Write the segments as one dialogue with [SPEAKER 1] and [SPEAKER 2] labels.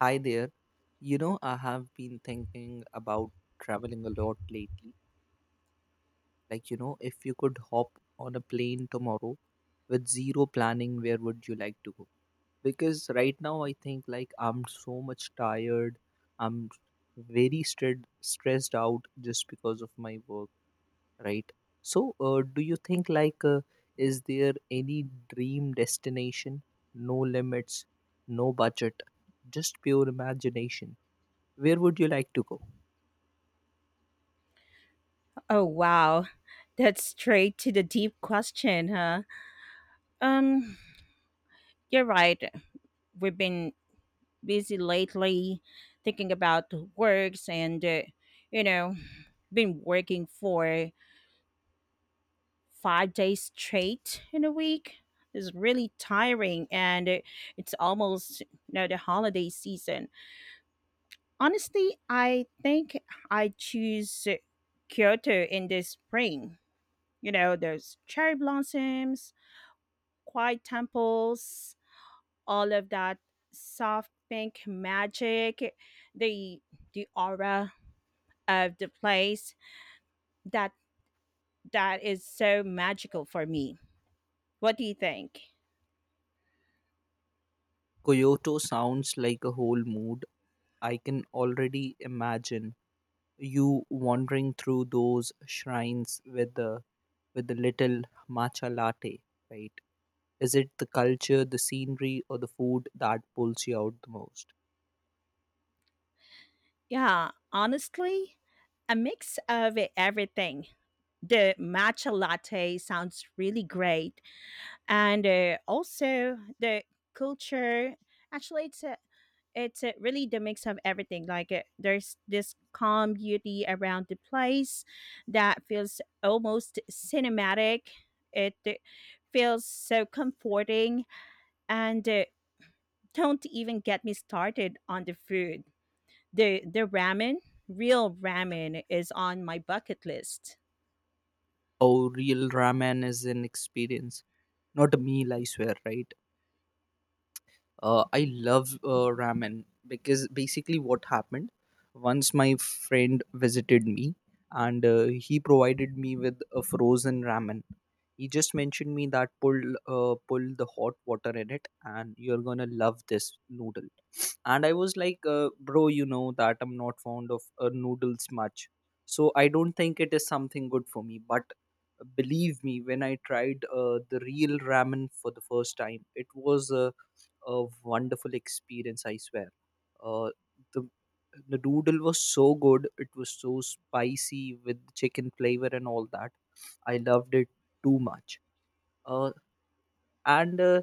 [SPEAKER 1] Hi there. You know, I have been thinking about traveling a lot lately. Like, you know, if you could hop on a plane tomorrow with zero planning, where would you like to go? Because right now I think like I'm so much tired. I'm very stressed out just because of my work, right? So, do you think like is there any dream destination? No limits, no budget, just pure imagination, where would you like to go?
[SPEAKER 2] Oh wow. That's straight to the deep question, huh? Um, you're right. We've been busy lately thinking about works and you know, been working for 5 days straight in a week. It's really tiring and it's almost you know the holiday season. Honestly, I think I choose Kyoto in the spring. You know, those cherry blossoms, quiet temples, all of that soft pink magic, the the aura of the place that that is so magical for me. What do you think?
[SPEAKER 1] Kyoto sounds like a whole mood. I can already imagine you wandering through those shrines with the little matcha latte, right? Is it the culture, the scenery, or the food that pulls you out the most?
[SPEAKER 2] Yeah, honestly, a mix of everything. The matcha latte sounds really great, and also the culture. Actually, it's really the mix of everything. Like there's this calm beauty around the place that feels almost cinematic. It feels so comforting, and don't even get me started on the food. The ramen, real ramen is on my bucket list.
[SPEAKER 1] Oh, real ramen is an experience, not a meal, I swear, right? I love ramen, because basically what happened, once my friend visited me and he provided me with a frozen ramen. He just mentioned me that pull the hot water in it and you're gonna love this noodle. And I was like bro, you know that I'm not fond of noodles much, so I don't think it is something good for me. But believe me, when I tried the real ramen for the first time, it was a wonderful experience, I swear. Uh, the the noodle was so good. It was so spicy with chicken flavor and all that. I loved it too much. Uh, and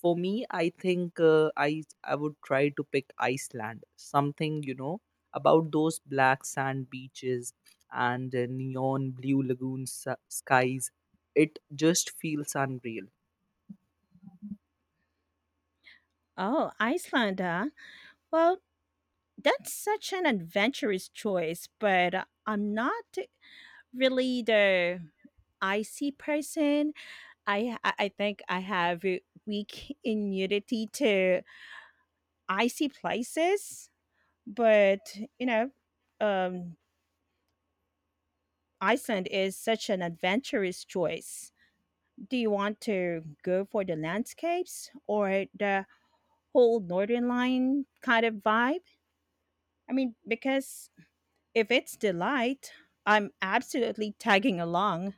[SPEAKER 1] For me, I think I would try to pick Iceland. Something, you know, about those black sand beaches and neon blue lagoon skies. It just feels unreal.
[SPEAKER 2] Oh, Iceland, huh? Well, that's such an adventurous choice, but I'm not really the icy person. I think I have a weak immunity to icy places, but you know, um, Iceland is such an adventurous choice. Do you want to go for the landscapes or the whole northern line kind of vibe? I mean, because if it's the light, I'm absolutely tagging along.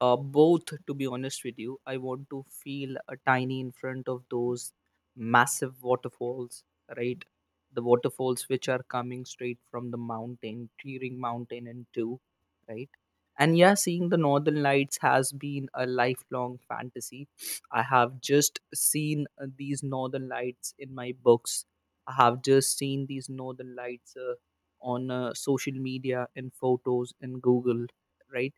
[SPEAKER 1] Both, to be honest with you, I want to feel a tiny in front of those massive waterfalls, right? The waterfalls which are coming straight from the mountain, tearing mountain in two, right? And yeah, seeing the northern lights has been a lifelong fantasy. I have just seen these northern lights in my books. I have just seen these northern lights on social media, in photos, in Google, right?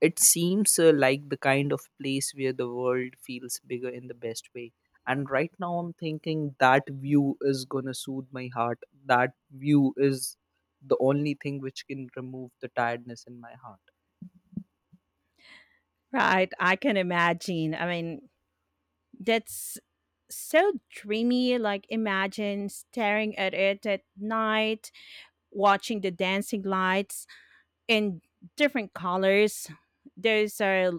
[SPEAKER 1] It seems like the kind of place where the world feels bigger in the best way. And right now, I'm thinking that view is gonna soothe my heart. That view is the only thing which can remove the tiredness in my heart.
[SPEAKER 2] Right, I can imagine. I mean, that's so dreamy, like imagine staring at it at night, watching the dancing lights in different colors. Those are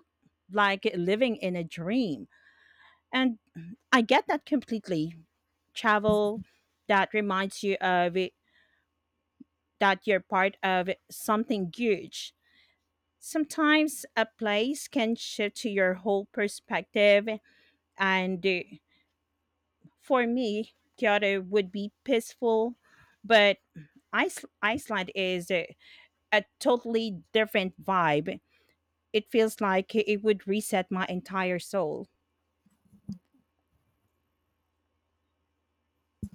[SPEAKER 2] like living in a dream, and I get that completely. Travel that reminds you of it, that you're part of something huge. Sometimes a place can shift to your whole perspective. And for me, Kyoto would be peaceful, but Iceland is a totally different vibe. It feels like it would reset my entire soul.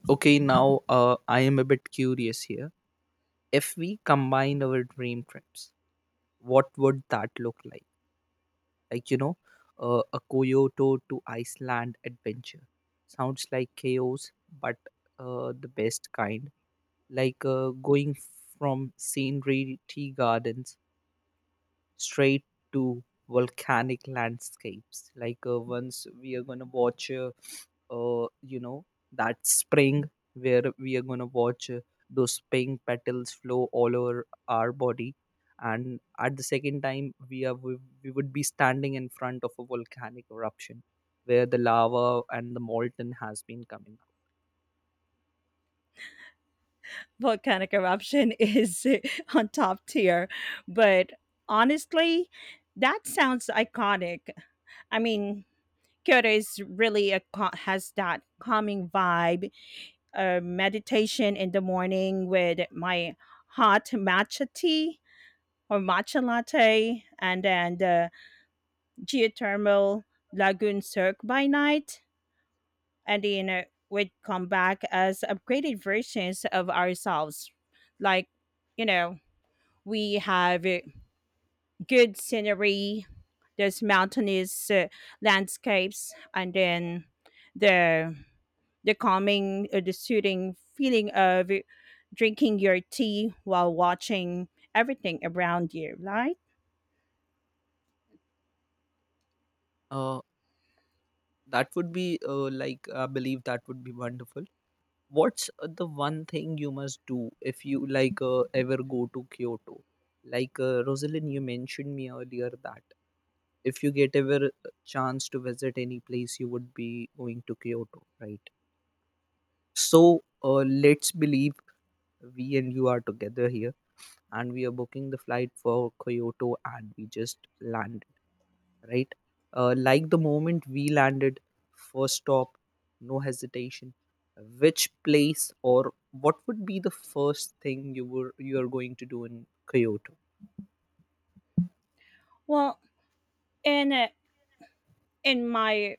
[SPEAKER 1] Okay, now I am a bit curious here. If we combine our dream trips, what would that look like? Like, you know, a Kyoto to Iceland adventure. Sounds like chaos, but the best kind, like going from scenery tea gardens straight to volcanic landscapes. Like once we are going to watch you know, that spring where we are going to watch those pink petals flow all over our body. And at the second time, we would be standing in front of a volcanic eruption where the lava and the molten has been coming
[SPEAKER 2] Volcanic eruption is on top tier, but honestly, that sounds iconic. I mean, Kyoto is really has that calming vibe. Meditation in the morning with my hot matcha tea or matcha latte, and then the geothermal lagoon cirque by night, and then we'd come back as upgraded versions of ourselves. Like, you know, we have good scenery, there's mountainous landscapes, and then the the calming, the soothing feeling of drinking your tea while watching everything around you, right?
[SPEAKER 1] out. That would be like, I believe that would be wonderful. What's the one thing you must do if you like ever go to Kyoto? Like Rosalind, you mentioned me earlier that if you get ever a chance to visit any place, you would be going to Kyoto, right? So let's believe we and you are together here, and we are booking the flight for Kyoto and we just landed, right? Like the moment we landed, first stop, no hesitation. Which place or what would be the first thing you are going to do in Kyoto?
[SPEAKER 2] Well, in uh, in my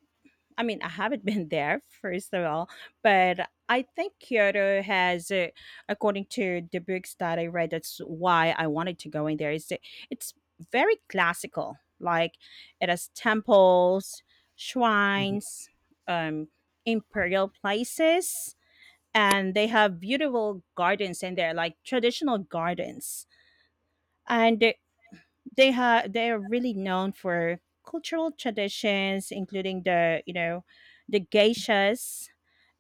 [SPEAKER 2] I mean, I haven't been there, first of all, but I think Kyoto has, according to the books that I read, that's why I wanted to go in there. Is that it's very classical, like it has temples,
[SPEAKER 1] Mhm.
[SPEAKER 2] shrines, um,
[SPEAKER 1] Uh,
[SPEAKER 2] imperial places, and they have beautiful gardens in there, like traditional gardens. And they are really known for cultural traditions, including the you know the geishas,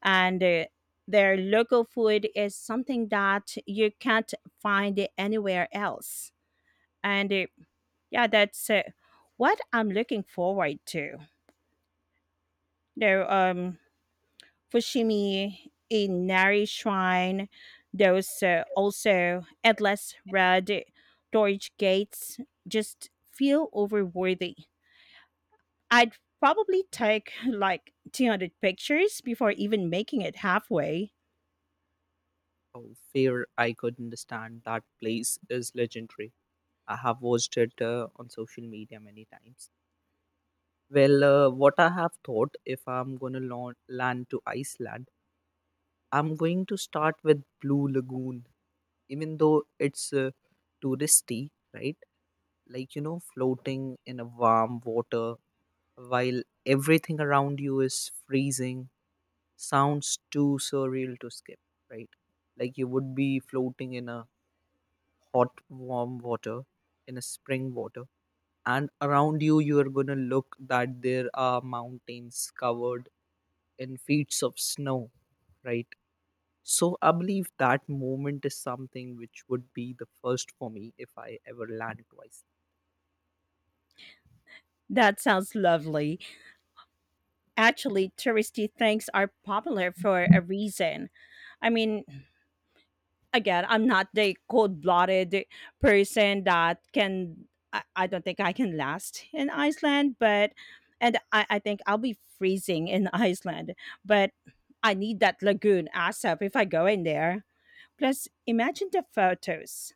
[SPEAKER 2] and their local food is something that you can't find anywhere else, and yeah, that's what I'm looking forward to. No, fushimi in nari shrine, those also endless red torch gates just feel overworthy. I'd probably take like 200 pictures before even making it halfway.
[SPEAKER 1] Oh, fair, I could understand that place is legendary. I have watched it on social media many times. Well, what I have thought, if I'm gonna land to Iceland, I'm going to start with Blue Lagoon, even though it's touristy, right? Like, you know, floating in a warm water while everything around you is freezing sounds too surreal to skip, right? Like, you would be floating in a hot, warm water, in a spring water, and around you, you are going to look that there are mountains covered in feet of snow, right? So I believe that moment is something which would be the first for me if I ever land twice.
[SPEAKER 2] That sounds lovely. Actually, touristy things are popular for a reason. I mean, again, I'm not the cold blooded person that can, I don't think I can last in Iceland, but, and I think I'll be freezing in Iceland, but I need that lagoon ASAP if I go in there. Plus, imagine the photos.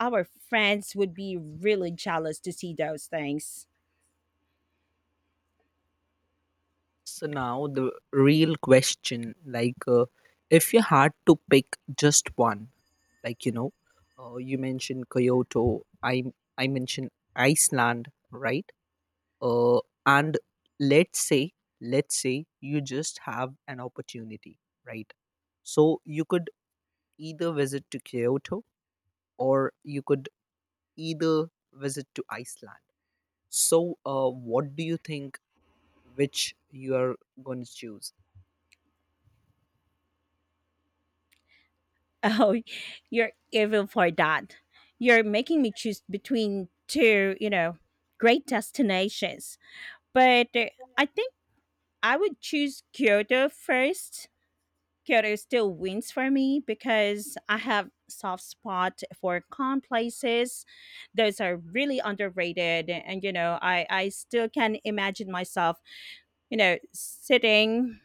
[SPEAKER 2] Our friends would be really jealous to see those things.
[SPEAKER 1] So now the real question, like, if you had to pick just one, like, you know, you mentioned Kyoto, I mentioned Iceland, right? Uh, and let's say, let's say you just have an opportunity, right? So you could either visit to Kyoto, or you could either visit to Iceland. So, what do you think, which you are going to choose?
[SPEAKER 2] Oh, you're evil for that. You're making me choose between two, you know, great destinations. But I think I would choose Kyoto first. Kyoto still wins for me because I have soft spot for calm places. Those are really underrated, and you know, I still can imagine myself, you know, sitting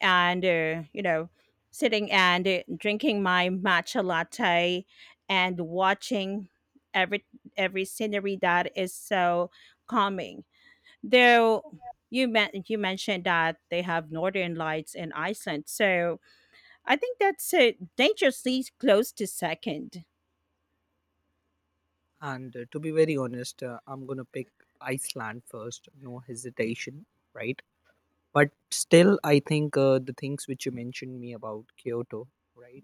[SPEAKER 2] and you know, sitting and drinking my matcha latte and watching every every scenery that is so calming. Though you mentioned that they have northern lights in Iceland. So I think that's it. Dangerously close to second.
[SPEAKER 1] And to be very honest, I'm going to pick Iceland first, no hesitation, right? But still, I think the things which you mentioned me about Kyoto, right?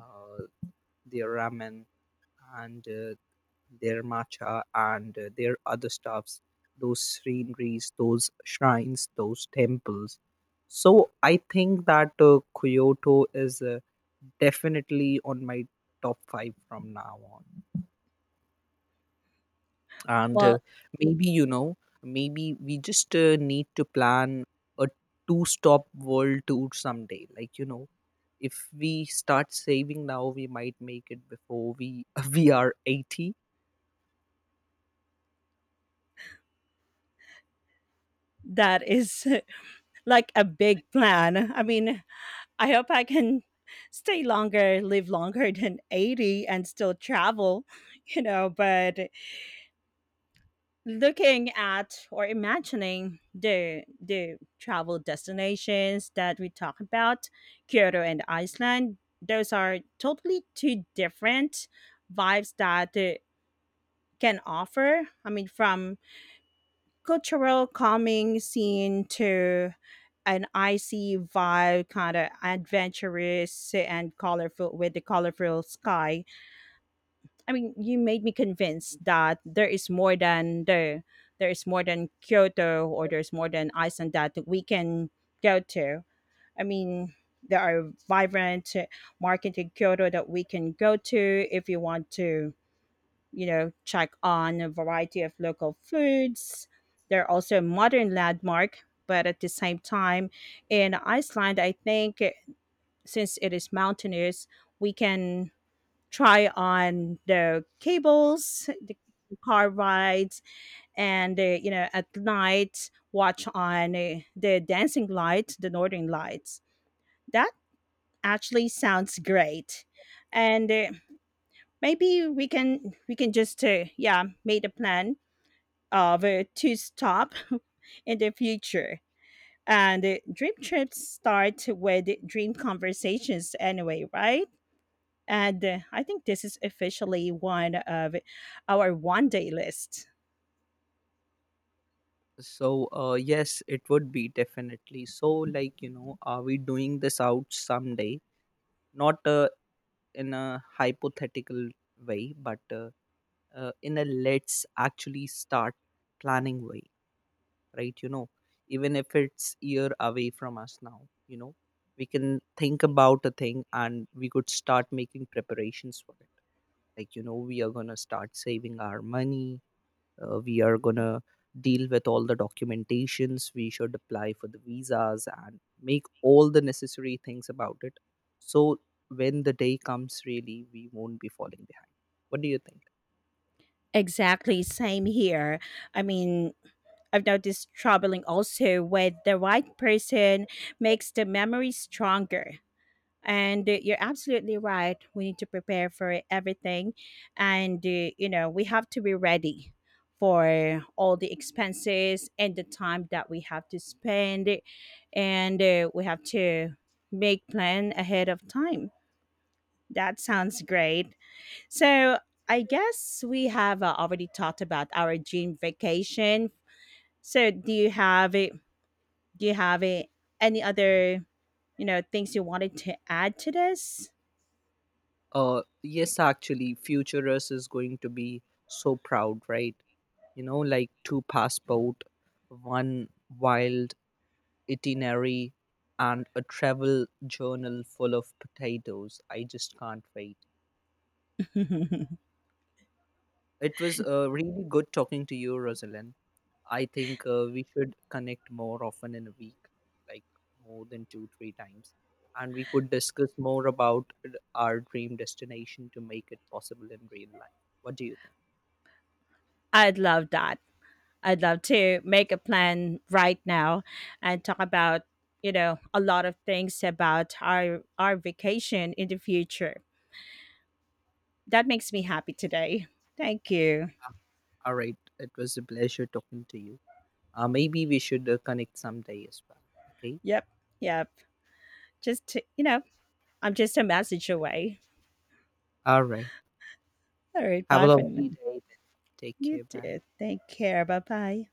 [SPEAKER 1] Uh, the ramen and their matcha, and their other stuffs, those sceneries, those shrines, those temples. So I think that Kyoto is definitely on my top five from now on. And
[SPEAKER 2] Well,
[SPEAKER 1] maybe, you know, maybe we just need to plan a two stop world tour someday. Like, you know, if we start saving now, we might make it before we are 80.
[SPEAKER 2] that is like a big plan. I mean, I hope I can stay longer, live longer than 80 and still travel, you know, but looking at or imagining the travel destinations that we talk about, Kyoto and Iceland, those are totally two different vibes that can offer. I mean, from cultural calming scene to an icy vibe, kind of adventurous and colorful with the colorful sky. I mean, you made me convinced that there is more than Kyoto, or there's more than Iceland that we can go to. I mean, there are vibrant market in Kyoto that we can go to if you want to you know, check on a variety of local foods. They're also a modern landmark, but at the same time, in Iceland, I think since it is mountainous, we can try on the cables, the car rides, and you know, at night, watch on the dancing light, the northern lights. That actually sounds great, and. Maybe we can just yeah made a plan of to stop in the future. And dream trips start with dream conversations anyway, right? And I think this is officially one of our one day list.
[SPEAKER 1] So, yes, it would be definitely. So, like, you know, are we doing this out someday? Not in a hypothetical way, but in a, let's actually start planning way, right? You know, even if it's year away from us now, you know, we can think about a thing and we could start making preparations for it. Like, you know, we are going to start saving our money. We are gonna deal with all the documentations. We should apply for the visas and make all the necessary things about it. So when the day comes really, we won't be falling behind. What do you think?
[SPEAKER 2] Exactly, same here. I mean, I've noticed troubling also when the right person makes the memory stronger. And you're absolutely right. We need to prepare for everything. And, you know, we have to be ready for all the expenses and the time that we have to spend. And we have to make plan ahead of time. That sounds great. So I guess we have already talked about our dream vacation. So do you have it? Do you have it? Any other you know things you wanted to add to this?
[SPEAKER 1] Yes, actually future us is going to be so proud, right? You know, like two passport, one wild itinerary, and a travel journal full of potatoes. I just can't wait. It was really good talking to you, Rosalind. I think we should connect more often in a week, like more than two, three times. And we could discuss more about our dream destination to make it possible in real life. What do you think?
[SPEAKER 2] I'd love that. I'd love to make a plan right now and talk about you know a lot of things about our vacation in the future. That makes me happy today. Thank you.
[SPEAKER 1] All right. It was a pleasure talking to you. Maybe we should connect someday as well. Okay.
[SPEAKER 2] Yep. Yep. Just to, you know, I'm just a message away.
[SPEAKER 1] All right.
[SPEAKER 2] All right.
[SPEAKER 1] Have a
[SPEAKER 2] Bye for now.
[SPEAKER 1] lovely day. Take
[SPEAKER 2] You
[SPEAKER 1] care. Bye.
[SPEAKER 2] too. Take care. Bye bye.